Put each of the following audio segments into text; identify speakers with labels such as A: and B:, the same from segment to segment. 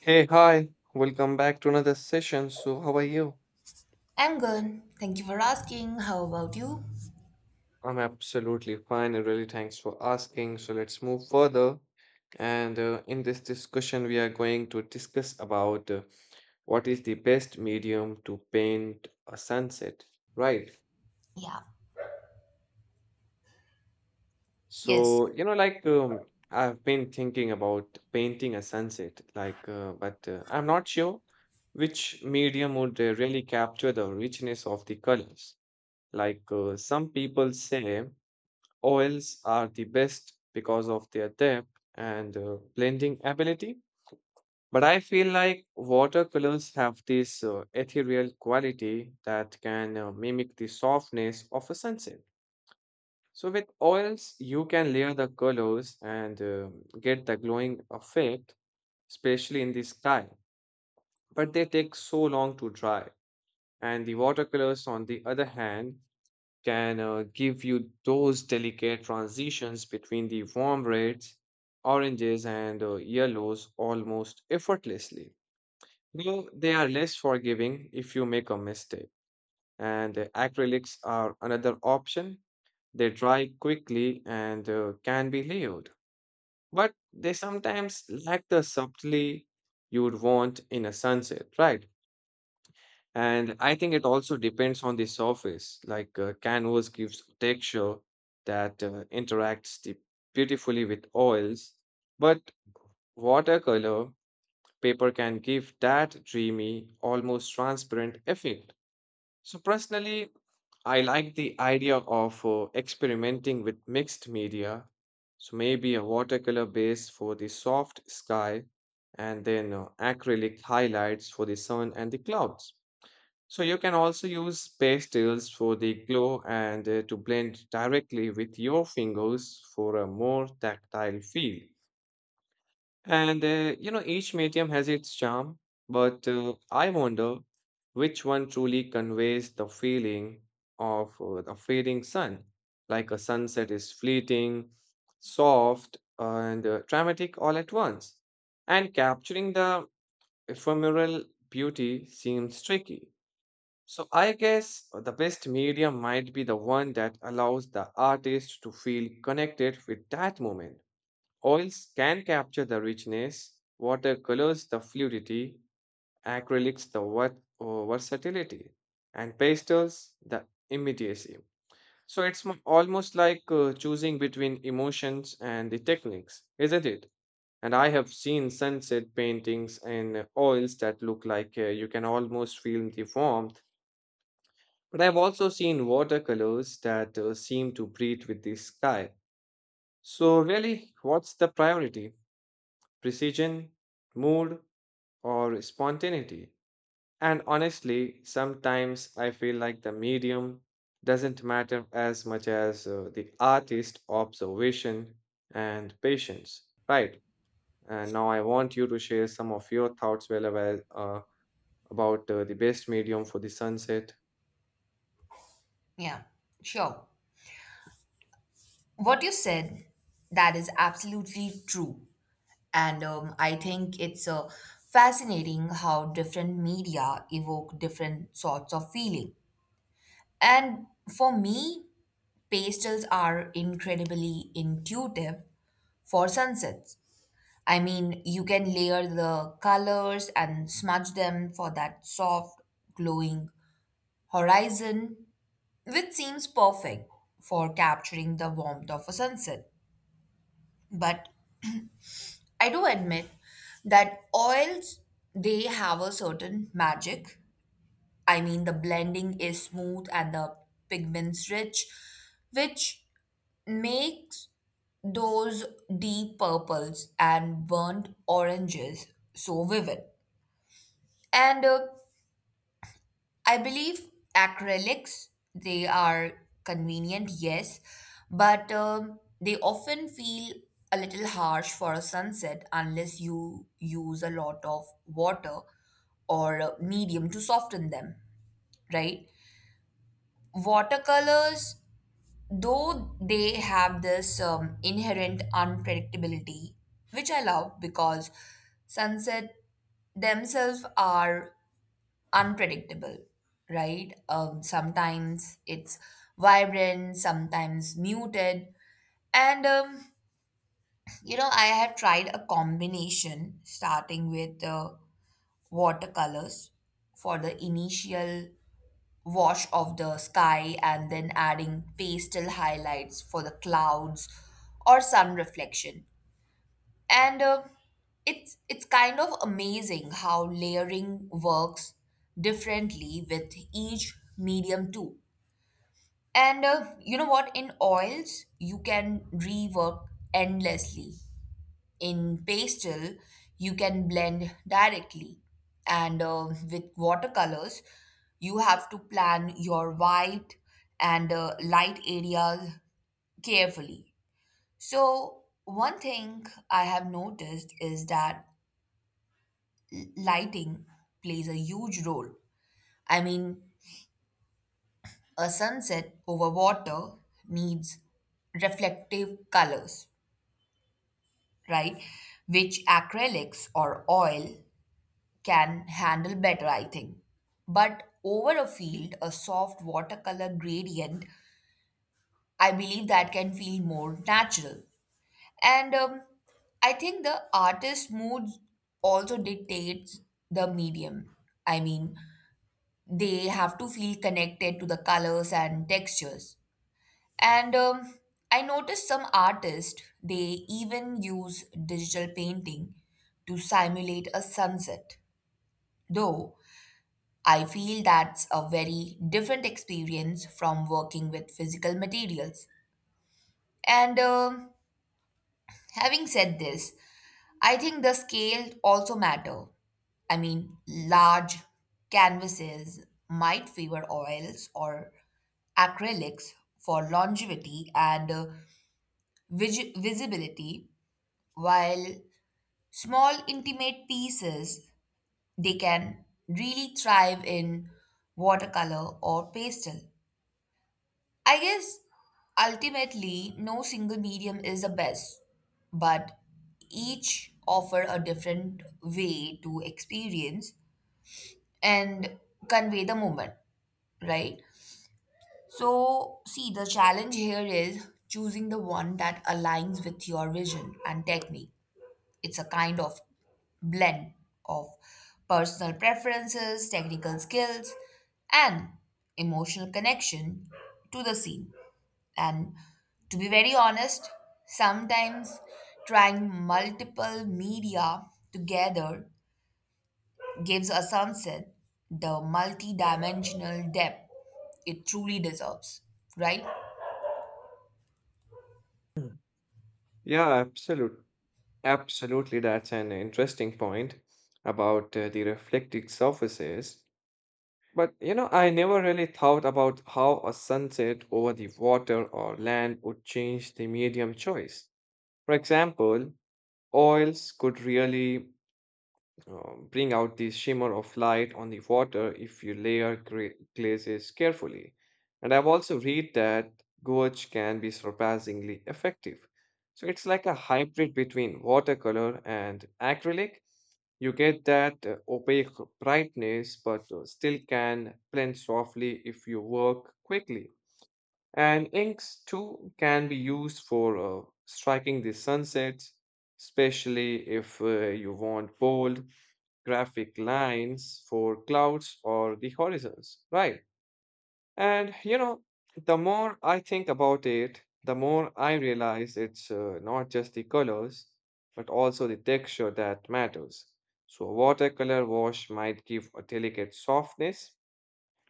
A: Hey, hi, welcome back to another session. So, how are you?
B: I'm good. Thank you for asking. How about you?
A: I'm absolutely fine and really thanks for asking. So, let's move further. And In this discussion, we are going to discuss about what is the best medium to paint a sunset, right?
B: Yeah. Yes.
A: So, I've been thinking about painting a sunset, like, but I'm not sure which medium would really capture the richness of the colors. Some people say, oils are the best because of their depth and blending ability. But I feel like watercolors have this ethereal quality that can mimic the softness of a sunset. So with oils, you can layer the colors and get the glowing effect, especially in the sky. But they take so long to dry. And the watercolors, on the other hand, can give you those delicate transitions between the warm reds, oranges, and yellows almost effortlessly. Though they are less forgiving if you make a mistake. And Acrylics are another option. They dry quickly and can be layered, but they sometimes lack the subtlety you would want in a sunset, right? And I think it also depends on the surface. Canvas gives texture that interacts beautifully with oils, but watercolor paper can give that dreamy, almost transparent effect. So personally, I like the idea of experimenting with mixed media. So maybe a watercolor base for the soft sky, and then acrylic highlights for the sun and the clouds. So you can also use pastels for the glow and to blend directly with your fingers for a more tactile feel. Each medium has its charm, but I wonder which one truly conveys the feeling of the fading sun. Like a sunset is fleeting, soft, and dramatic all at once. And capturing the ephemeral beauty seems tricky. So I guess the best medium might be the one that allows the artist to feel connected with that moment. Oils can capture the richness, watercolors the fluidity, acrylics the what, versatility, and pastels the immediacy. So it's almost like choosing between emotions and the techniques, isn't it? And I have seen sunset paintings in oils that look like you can almost feel the warmth, but I've also seen watercolors that seem to breathe with the sky. So, really, what's the priority? Precision, mood, or spontaneity? And honestly, sometimes I feel like the medium doesn't matter as much as the artist observation and patience. Right. And now I want you to share some of your thoughts well about the best medium for the sunset.
B: Yeah. Sure. What you said, that is absolutely true. And I think it's fascinating how different media evoke different sorts of feeling. And for me, pastels are incredibly intuitive for sunsets. I mean, you can layer the colors and smudge them for that soft, glowing horizon which seems perfect for capturing the warmth of a sunset. But I do admit that oils they have a certain magic. I mean the blending is smooth and the pigments rich, which makes those deep purples and burnt oranges so vivid. And I believe acrylics, they are convenient, yes, but they often feel a little harsh for a sunset unless you use a lot of water or a medium to soften them, right? Watercolors, though they have this inherent unpredictability, which I love because sunset themselves are unpredictable, right? Sometimes it's vibrant, sometimes muted. And I have tried a combination starting with watercolors for the initial wash of the sky and then adding pastel highlights for the clouds or sun reflection. And it's kind of amazing how layering works differently with each medium too. And you know what? In oils, you can rework endlessly. In pastel, you can blend directly. And with watercolors, you have to plan your white and light areas carefully. So, one thing I have noticed is that lighting plays a huge role. I mean, a sunset over water needs reflective colors, right? Which acrylics or oil can handle better, I think. But over a field, a soft watercolor gradient, I believe that can feel more natural. And I think the artist's mood also dictates the medium. I mean, they have to feel connected to the colors and textures. And I noticed some artists, they even use digital painting to simulate a sunset. Though I feel that's a very different experience from working with physical materials. And having said this, I think the scale also matter. I mean, large canvases might favor oils or acrylics for longevity and visibility, while small intimate pieces they can really thrive in watercolor or pastel. I guess ultimately no single medium is the best, but each offer a different way to experience and convey the moment, right? So, see, the challenge here is choosing the one that aligns with your vision and technique. It's a kind of blend of personal preferences, technical skills, and emotional connection to the scene. And to be very honest, sometimes trying multiple media together gives a sunset the multi-dimensional depth it truly deserves, right?
A: Mm. Yeah, absolutely. Absolutely. That's an interesting point about the reflecting surfaces. But you know, I never really thought about how a sunset over the water or land would change the medium choice. For example, oils could really bring out the shimmer of light on the water if you layer glazes carefully. And I've also read that gouache can be surprisingly effective. So it's like a hybrid between watercolor and acrylic. You get that opaque brightness, but still can blend softly if you work quickly. And inks too can be used for striking the sunsets, especially if you want bold, graphic lines for clouds or the horizons, right? And you know, the more I think about it, the more I realize it's not just the colors, but also the texture that matters. So, a watercolor wash might give a delicate softness,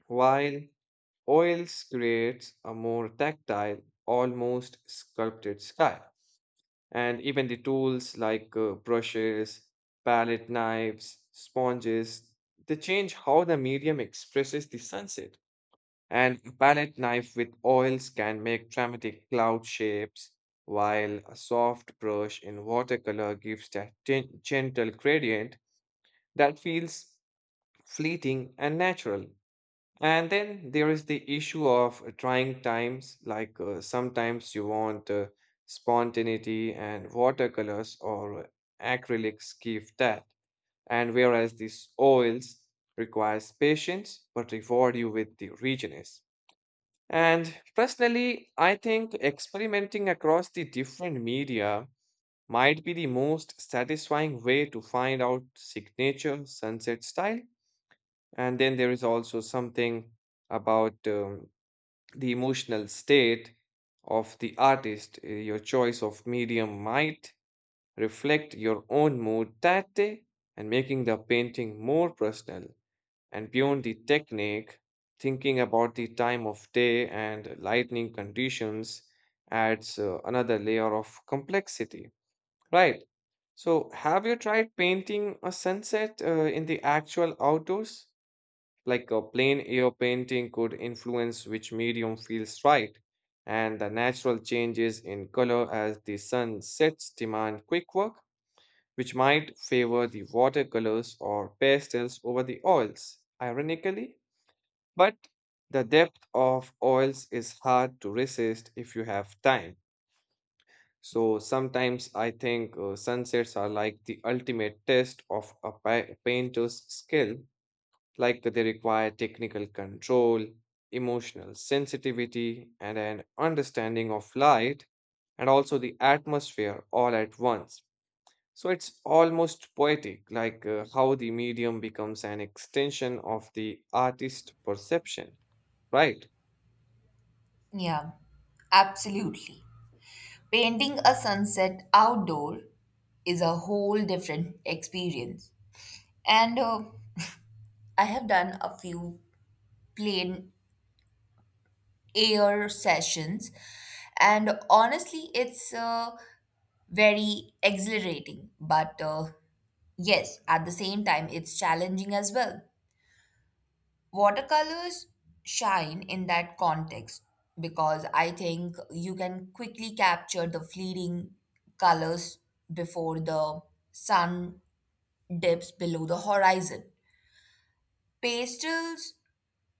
A: while oils creates a more tactile, almost sculpted sky. And even the tools like brushes, palette knives, sponges, they change how the medium expresses the sunset. And a palette knife with oils can make dramatic cloud shapes, while a soft brush in watercolor gives that gentle gradient that feels fleeting and natural. And then there is the issue of trying times, like sometimes you want spontaneity, and watercolors or acrylics give that. And whereas these oils requires patience but reward you with the richness. And personally, I think experimenting across the different media might be the most satisfying way to find out signature sunset style. And then there is also something about the emotional state of the artist. Your choice of medium might reflect your own mood that day and making the painting more personal. And beyond the technique, thinking about the time of day and lightning conditions adds another layer of complexity. Right. So, have you tried painting a sunset in the actual outdoors? Like a plain air painting could influence which medium feels right, and the natural changes in color as the sun sets demand quick work, which might favor the watercolors or pastels over the oils, ironically. But the depth of oils is hard to resist if you have time. So sometimes I think sunsets are like the ultimate test of a painter's skill, like they require technical control, emotional sensitivity, and an understanding of light and also the atmosphere all at once. So it's almost poetic, like how the medium becomes an extension of the artist perception, right?
B: Yeah, absolutely. Painting a sunset outdoor is a whole different experience. And I have done a few plain air sessions, and honestly, it's very exhilarating, but yes, at the same time, it's challenging as well. Watercolors shine in that context because I think you can quickly capture the fleeting colors before the sun dips below the horizon. Pastels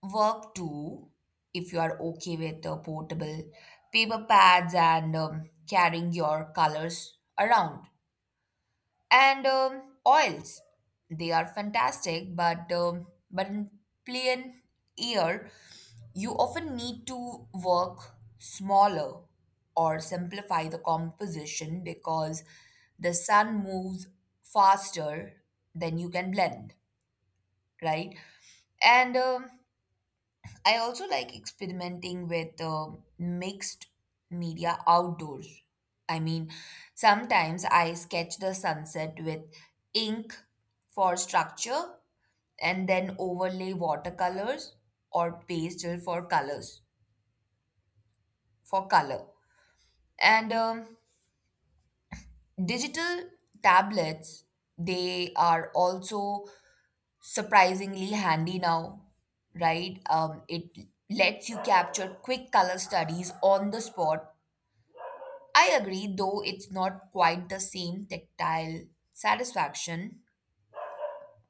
B: work too if you are okay with portable paper pads and carrying your colors around. And oils they are fantastic but but in plain ear you often need to work smaller or simplify the composition because the sun moves faster than you can blend, right? And I also like experimenting with mixed media outdoors. I mean, sometimes I sketch the sunset with ink for structure and then overlay watercolors or pastel for color. And digital tablets, they are also surprisingly handy now, right? It lets you capture quick color studies on the spot, I agree, though it's not quite the same tactile satisfaction.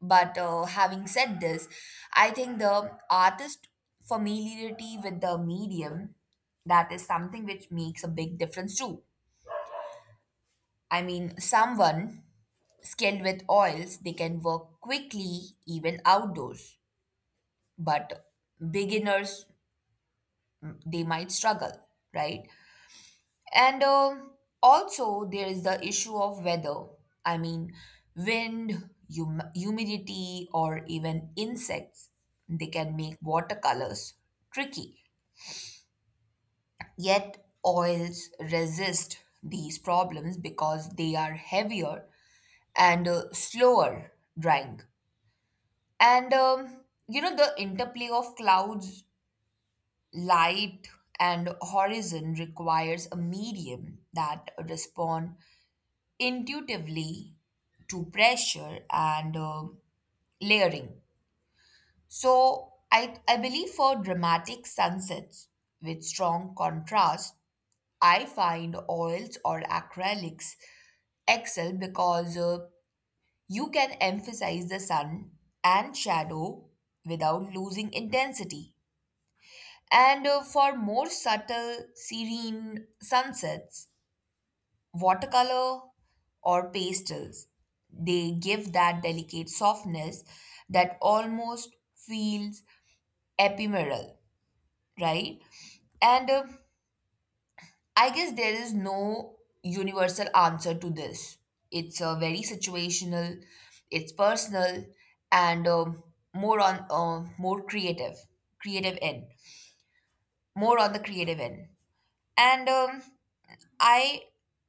B: But having said this, I think the artist familiarity with the medium that is something which makes a big difference too. I mean, someone skilled with oils, they can work quickly even outdoors, but beginners they might struggle, right? And also, there is the issue of weather. I mean, wind, humidity, or even insects. They can make watercolors tricky. Yet, oils resist these problems because they are heavier and slower drying. And you know, the interplay of clouds, light, and horizon requires a medium that respond intuitively to pressure and layering. So I believe for dramatic sunsets with strong contrast, I find oils or acrylics excel because you can emphasize the sun and shadow without losing intensity. And for more subtle, serene sunsets, watercolor or pastels. They give that delicate softness that almost feels ephemeral, right? And I guess there is no universal answer to this. It's very situational, it's personal, and more on uh, more creative, creative end, more on the creative end. And I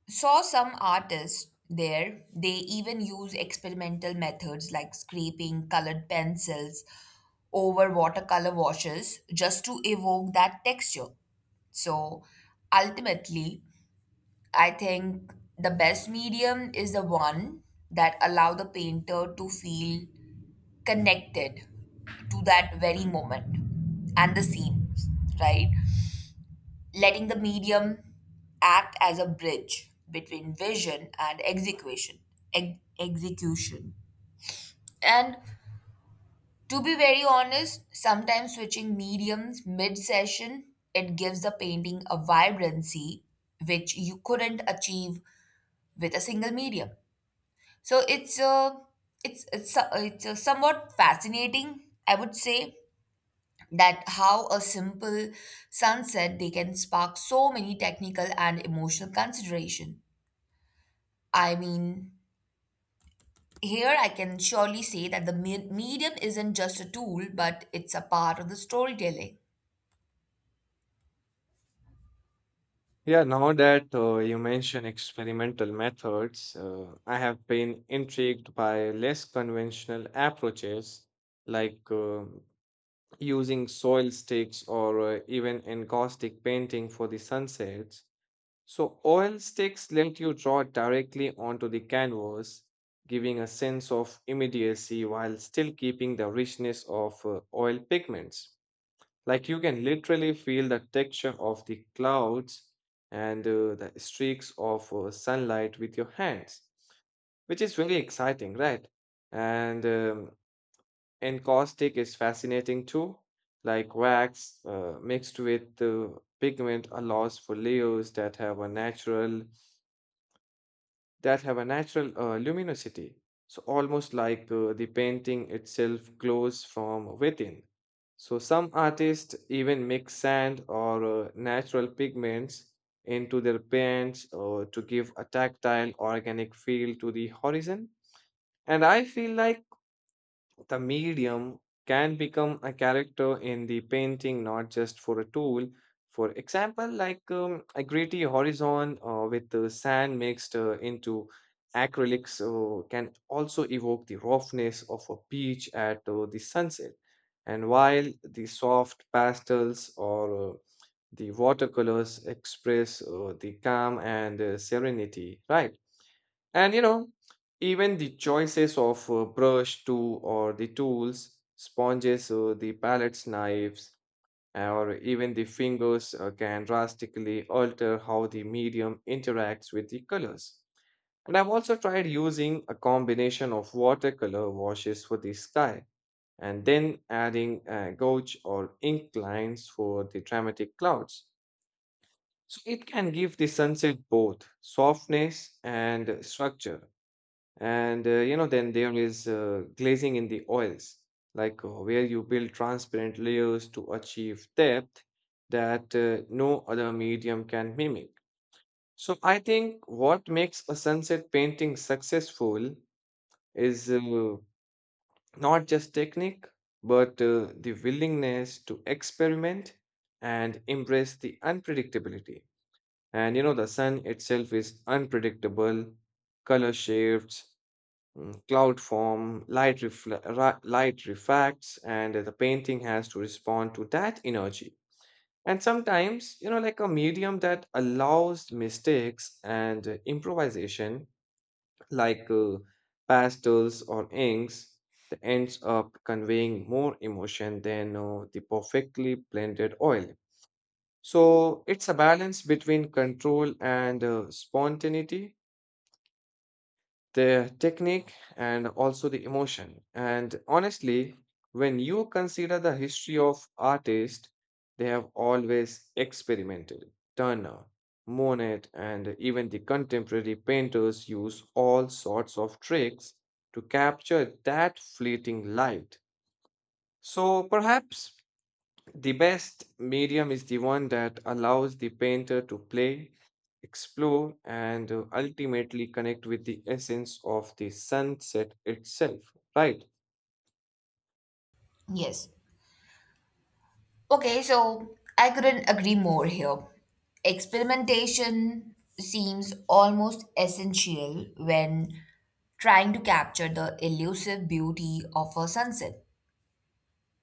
B: saw some artists there, they even use experimental methods like scraping colored pencils over watercolor washes just to evoke that texture. So ultimately, I think the best medium is the one that allow the painter to feel connected to that very moment and the scene, right? Letting the medium act as a bridge between vision and execution. And to be very honest, sometimes switching mediums mid session, it gives the painting a vibrancy which you couldn't achieve with a single medium. So it's a somewhat fascinating, I would say, that how a simple sunset they can spark so many technical and emotional consideration. I mean, here I can surely say that the medium isn't just a tool, but it's a part of the storytelling.
A: Yeah, now that you mention experimental methods, I have been intrigued by less conventional approaches like using soil sticks or even encaustic painting for the sunsets. So, oil sticks let you draw directly onto the canvas, giving a sense of immediacy while still keeping the richness of oil pigments. Like you can literally feel the texture of the clouds and the streaks of sunlight with your hands, which is really exciting, right? And um, and caustic is fascinating too. Like wax mixed with the pigment allows for layers that have a natural luminosity. So almost like the painting itself glows from within. So some artists even mix sand or natural pigments into their paints to give a tactile organic feel to the horizon. And I feel like the medium can become a character in the painting, not just for a tool. For example, like a gritty horizon with the sand mixed into acrylics can also evoke the roughness of a beach at the sunset. And while the soft pastels or the watercolors express the calm and serenity, right? And you know, even the choices of brush too, or the tools, sponges, the palettes, knives, or even the fingers can drastically alter how the medium interacts with the colors. And I've also tried using a combination of watercolor washes for the sky and then adding gouache or ink lines for the dramatic clouds. So it can give the sunset both softness and structure, and then there is glazing in the oils, like where you build transparent layers to achieve depth that no other medium can mimic. So I think what makes a sunset painting successful is not just technique, but the willingness to experiment and embrace the unpredictability. And you know, the sun itself is unpredictable, color shifts, mm, cloud form, light, light refracts, and the painting has to respond to that energy. And sometimes, you know, like a medium that allows mistakes and improvisation, like pastels or inks, that ends up conveying more emotion than the perfectly blended oil. So it's a balance between control and spontaneity, the technique and also the emotion. And honestly, when you consider the history of artists, they have always experimented. Turner, Monet, and even the contemporary painters use all sorts of tricks to capture that fleeting light. So perhaps the best medium is the one that allows the painter to play, explore, and ultimately connect with the essence of the sunset itself, right?
B: Yes. Okay, so I couldn't agree more here. Experimentation seems almost essential when trying to capture the elusive beauty of a sunset,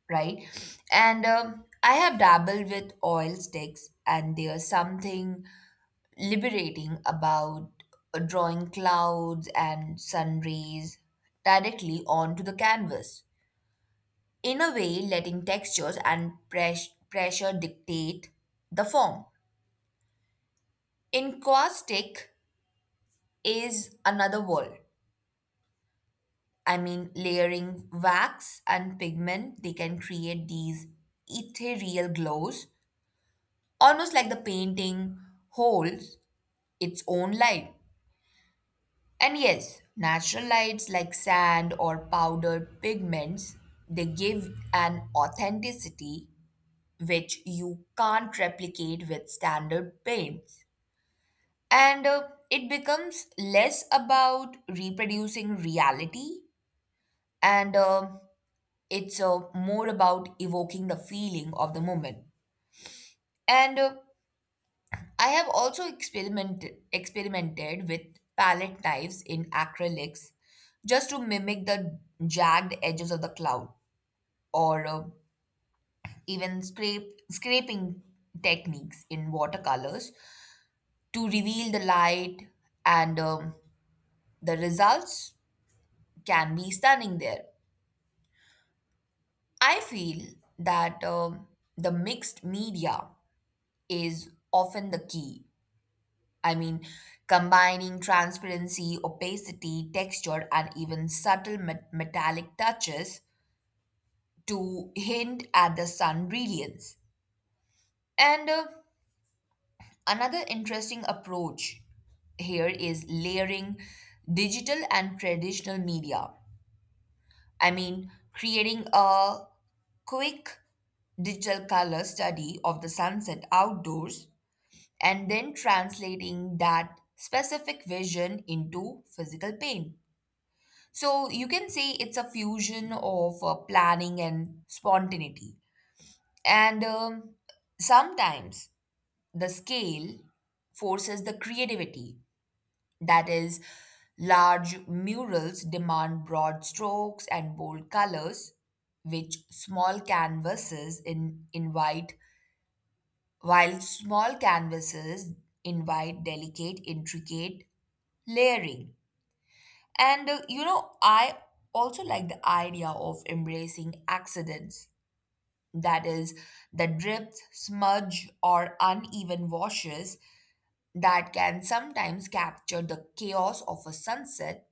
B: right? And I have dabbled with oil sticks, and there's something liberating about drawing clouds and sun rays directly onto the canvas. In a way, letting textures and pressure dictate the form. Encaustic is another world. I mean, layering wax and pigment, they can create these ethereal glows, almost like the painting holds its own light. And yes, natural lights like sand or powdered pigments, they give an authenticity which you can't replicate with standard paints. And it becomes less about reproducing reality and it's more about evoking the feeling of the moment. And I have also experimented with palette knives in acrylics just to mimic the jagged edges of the cloud or even scrape scraping techniques in watercolors to reveal the light, and the results can be stunning there. I feel that the mixed media is often the key. I mean, combining transparency, opacity, texture, and even subtle metallic touches to hint at the sun brilliance. And another interesting approach here is layering digital and traditional media. I mean, creating a quick digital color study of the sunset outdoors and then translating that specific vision into physical paint. So you can say it's a fusion of planning and spontaneity. And sometimes the scale forces the creativity. That is, large murals demand broad strokes and bold colors, which small canvases invite delicate, intricate layering. And you know, I also like the idea of embracing accidents. That is, the drips, smudge, or uneven washes that can sometimes capture the chaos of a sunset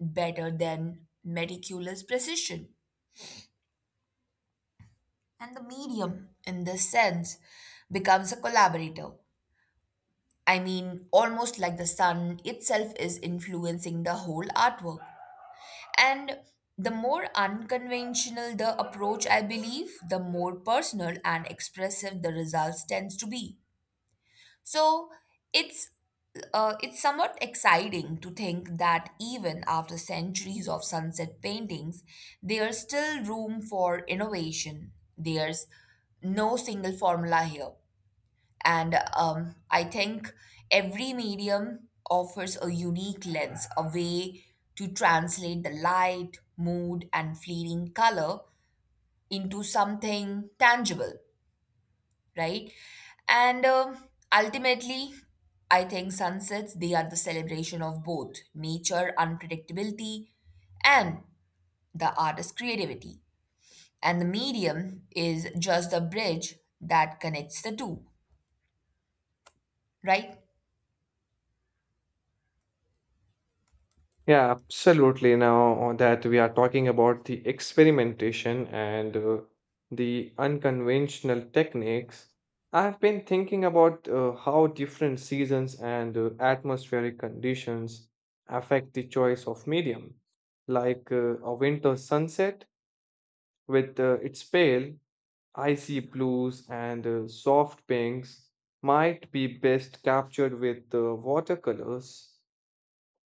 B: better than meticulous precision. And the medium, in this sense, becomes a collaborator. I mean, almost like the sun itself is influencing the whole artwork. And the more unconventional the approach, I believe, the more personal and expressive the results tends to be. So it's it's somewhat exciting to think that even after centuries of sunset paintings, there's still room for innovation. There's no single formula here. And I think every medium offers a unique lens, a way to translate the light, mood, and fleeting color into something tangible, right? And ultimately, I think sunsets, they are the celebration of both nature, unpredictability, and the artist's creativity. And the medium is just the bridge that connects the two, right?
A: Yeah, absolutely. Now that we are talking about the experimentation and the unconventional techniques, I've been thinking about how different seasons and atmospheric conditions affect the choice of medium. Like a winter sunset with its pale, icy blues and soft pinks, might be best captured with watercolors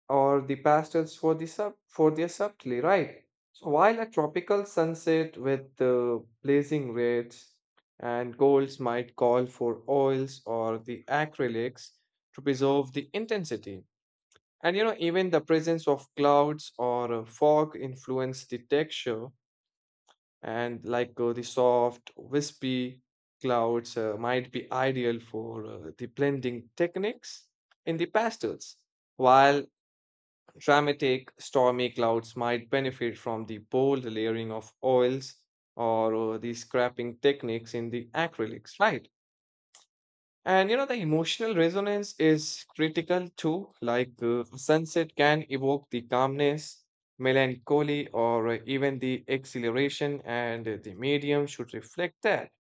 A: or the pastels for the sub for their subtlety, right? So while a tropical sunset with blazing reds and golds might call for oils or the acrylics to preserve the intensity. And you know, even the presence of clouds or fog influence the texture, and like the soft, wispy clouds might be ideal for the blending techniques in the pastels, while dramatic, stormy clouds might benefit from the bold layering of oils or the scraping techniques in the acrylics, right? And you know, the emotional resonance is critical too. Like sunset can evoke the calmness, melancholy, or even the exhilaration, and the medium should reflect that.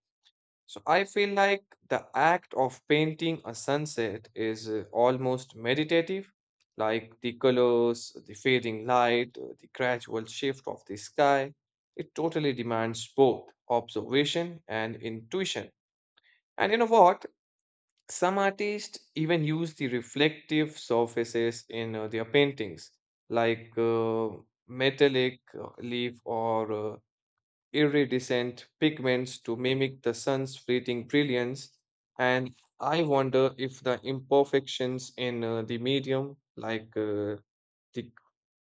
A: So I feel like the act of painting a sunset is almost meditative, like the colors, the fading light, the gradual shift of the sky. It totally demands both observation and intuition. And you know what? Some artists even use the reflective surfaces in their paintings, like metallic leaf or iridescent pigments to mimic the sun's fleeting brilliance. And I wonder if the imperfections in the medium, like the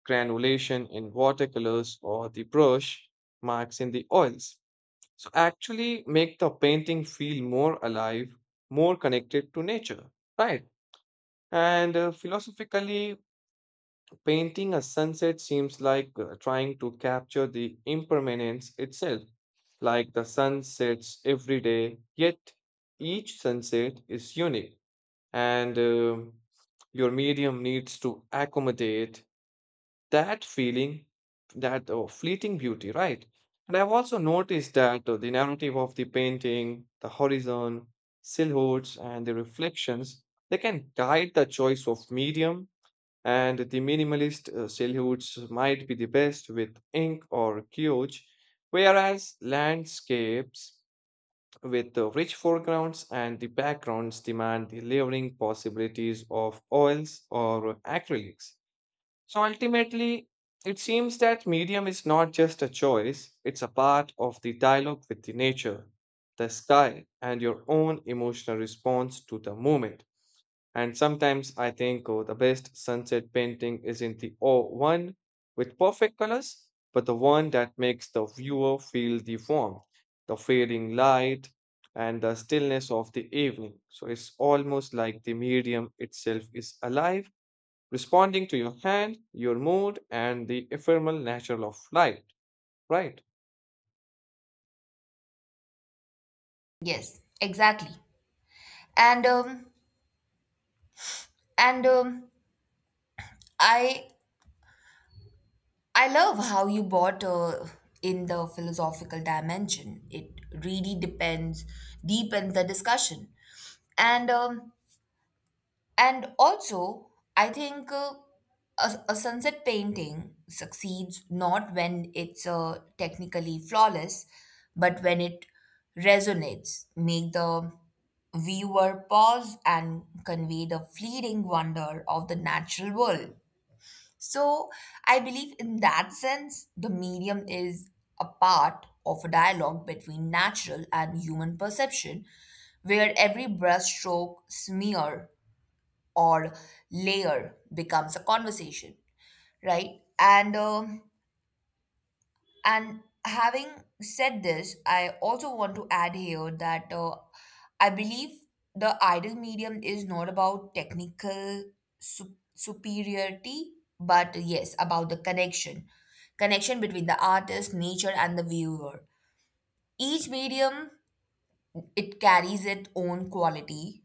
A: granulation in watercolors or the brush marks in the oils, so actually make the painting feel more alive, more connected to nature, right? And Philosophically, painting a sunset seems like trying to capture the impermanence itself. Like the sun sets every day, yet each sunset is unique, and your medium needs to accommodate that feeling, that fleeting beauty, right? And I've also noticed that the narrative of the painting, the horizon, silhouettes, and the reflections, they can guide the choice of medium. And the minimalist silhouettes might be the best with ink or gouache, whereas landscapes with the rich foregrounds and the backgrounds demand the layering possibilities of oils or acrylics. So ultimately, it seems that medium is not just a choice, it's a part of the dialogue with the nature, the sky, and your own emotional response to the moment. And sometimes I think the best sunset painting isn't the one with perfect colors, but the one that makes the viewer feel the warmth, the fading light, and the stillness of the evening. So it's almost like the medium itself is alive, responding to your hand, your mood, and the ephemeral nature of light, right?
B: Yes, exactly. And um, and I I love how you bought in the philosophical dimension. It really depends deepens the discussion, and um, and also I think a sunset painting succeeds not when it's technically flawless, but when it resonates, make the viewer pause and convey the fleeting wonder of the natural world. So I believe in that sense, the medium is a part of a dialogue between natural and human perception, where every brushstroke, smear, or layer becomes a conversation, right? And having said this, I also want to add here that I believe the ideal medium is not about technical superiority, but yes, about the connection between the artist, nature, and the viewer. Each medium it carries its own quality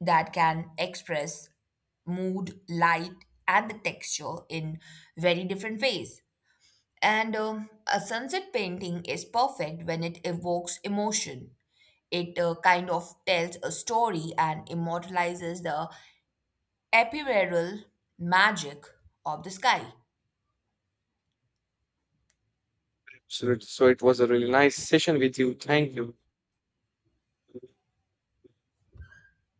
B: that can express mood, light, and the texture in very different ways. And a sunset painting is perfect when it evokes emotion. It kind of tells a story and immortalizes the ethereal magic of the sky.
A: Absolutely. So it was a really nice session with you. Thank you.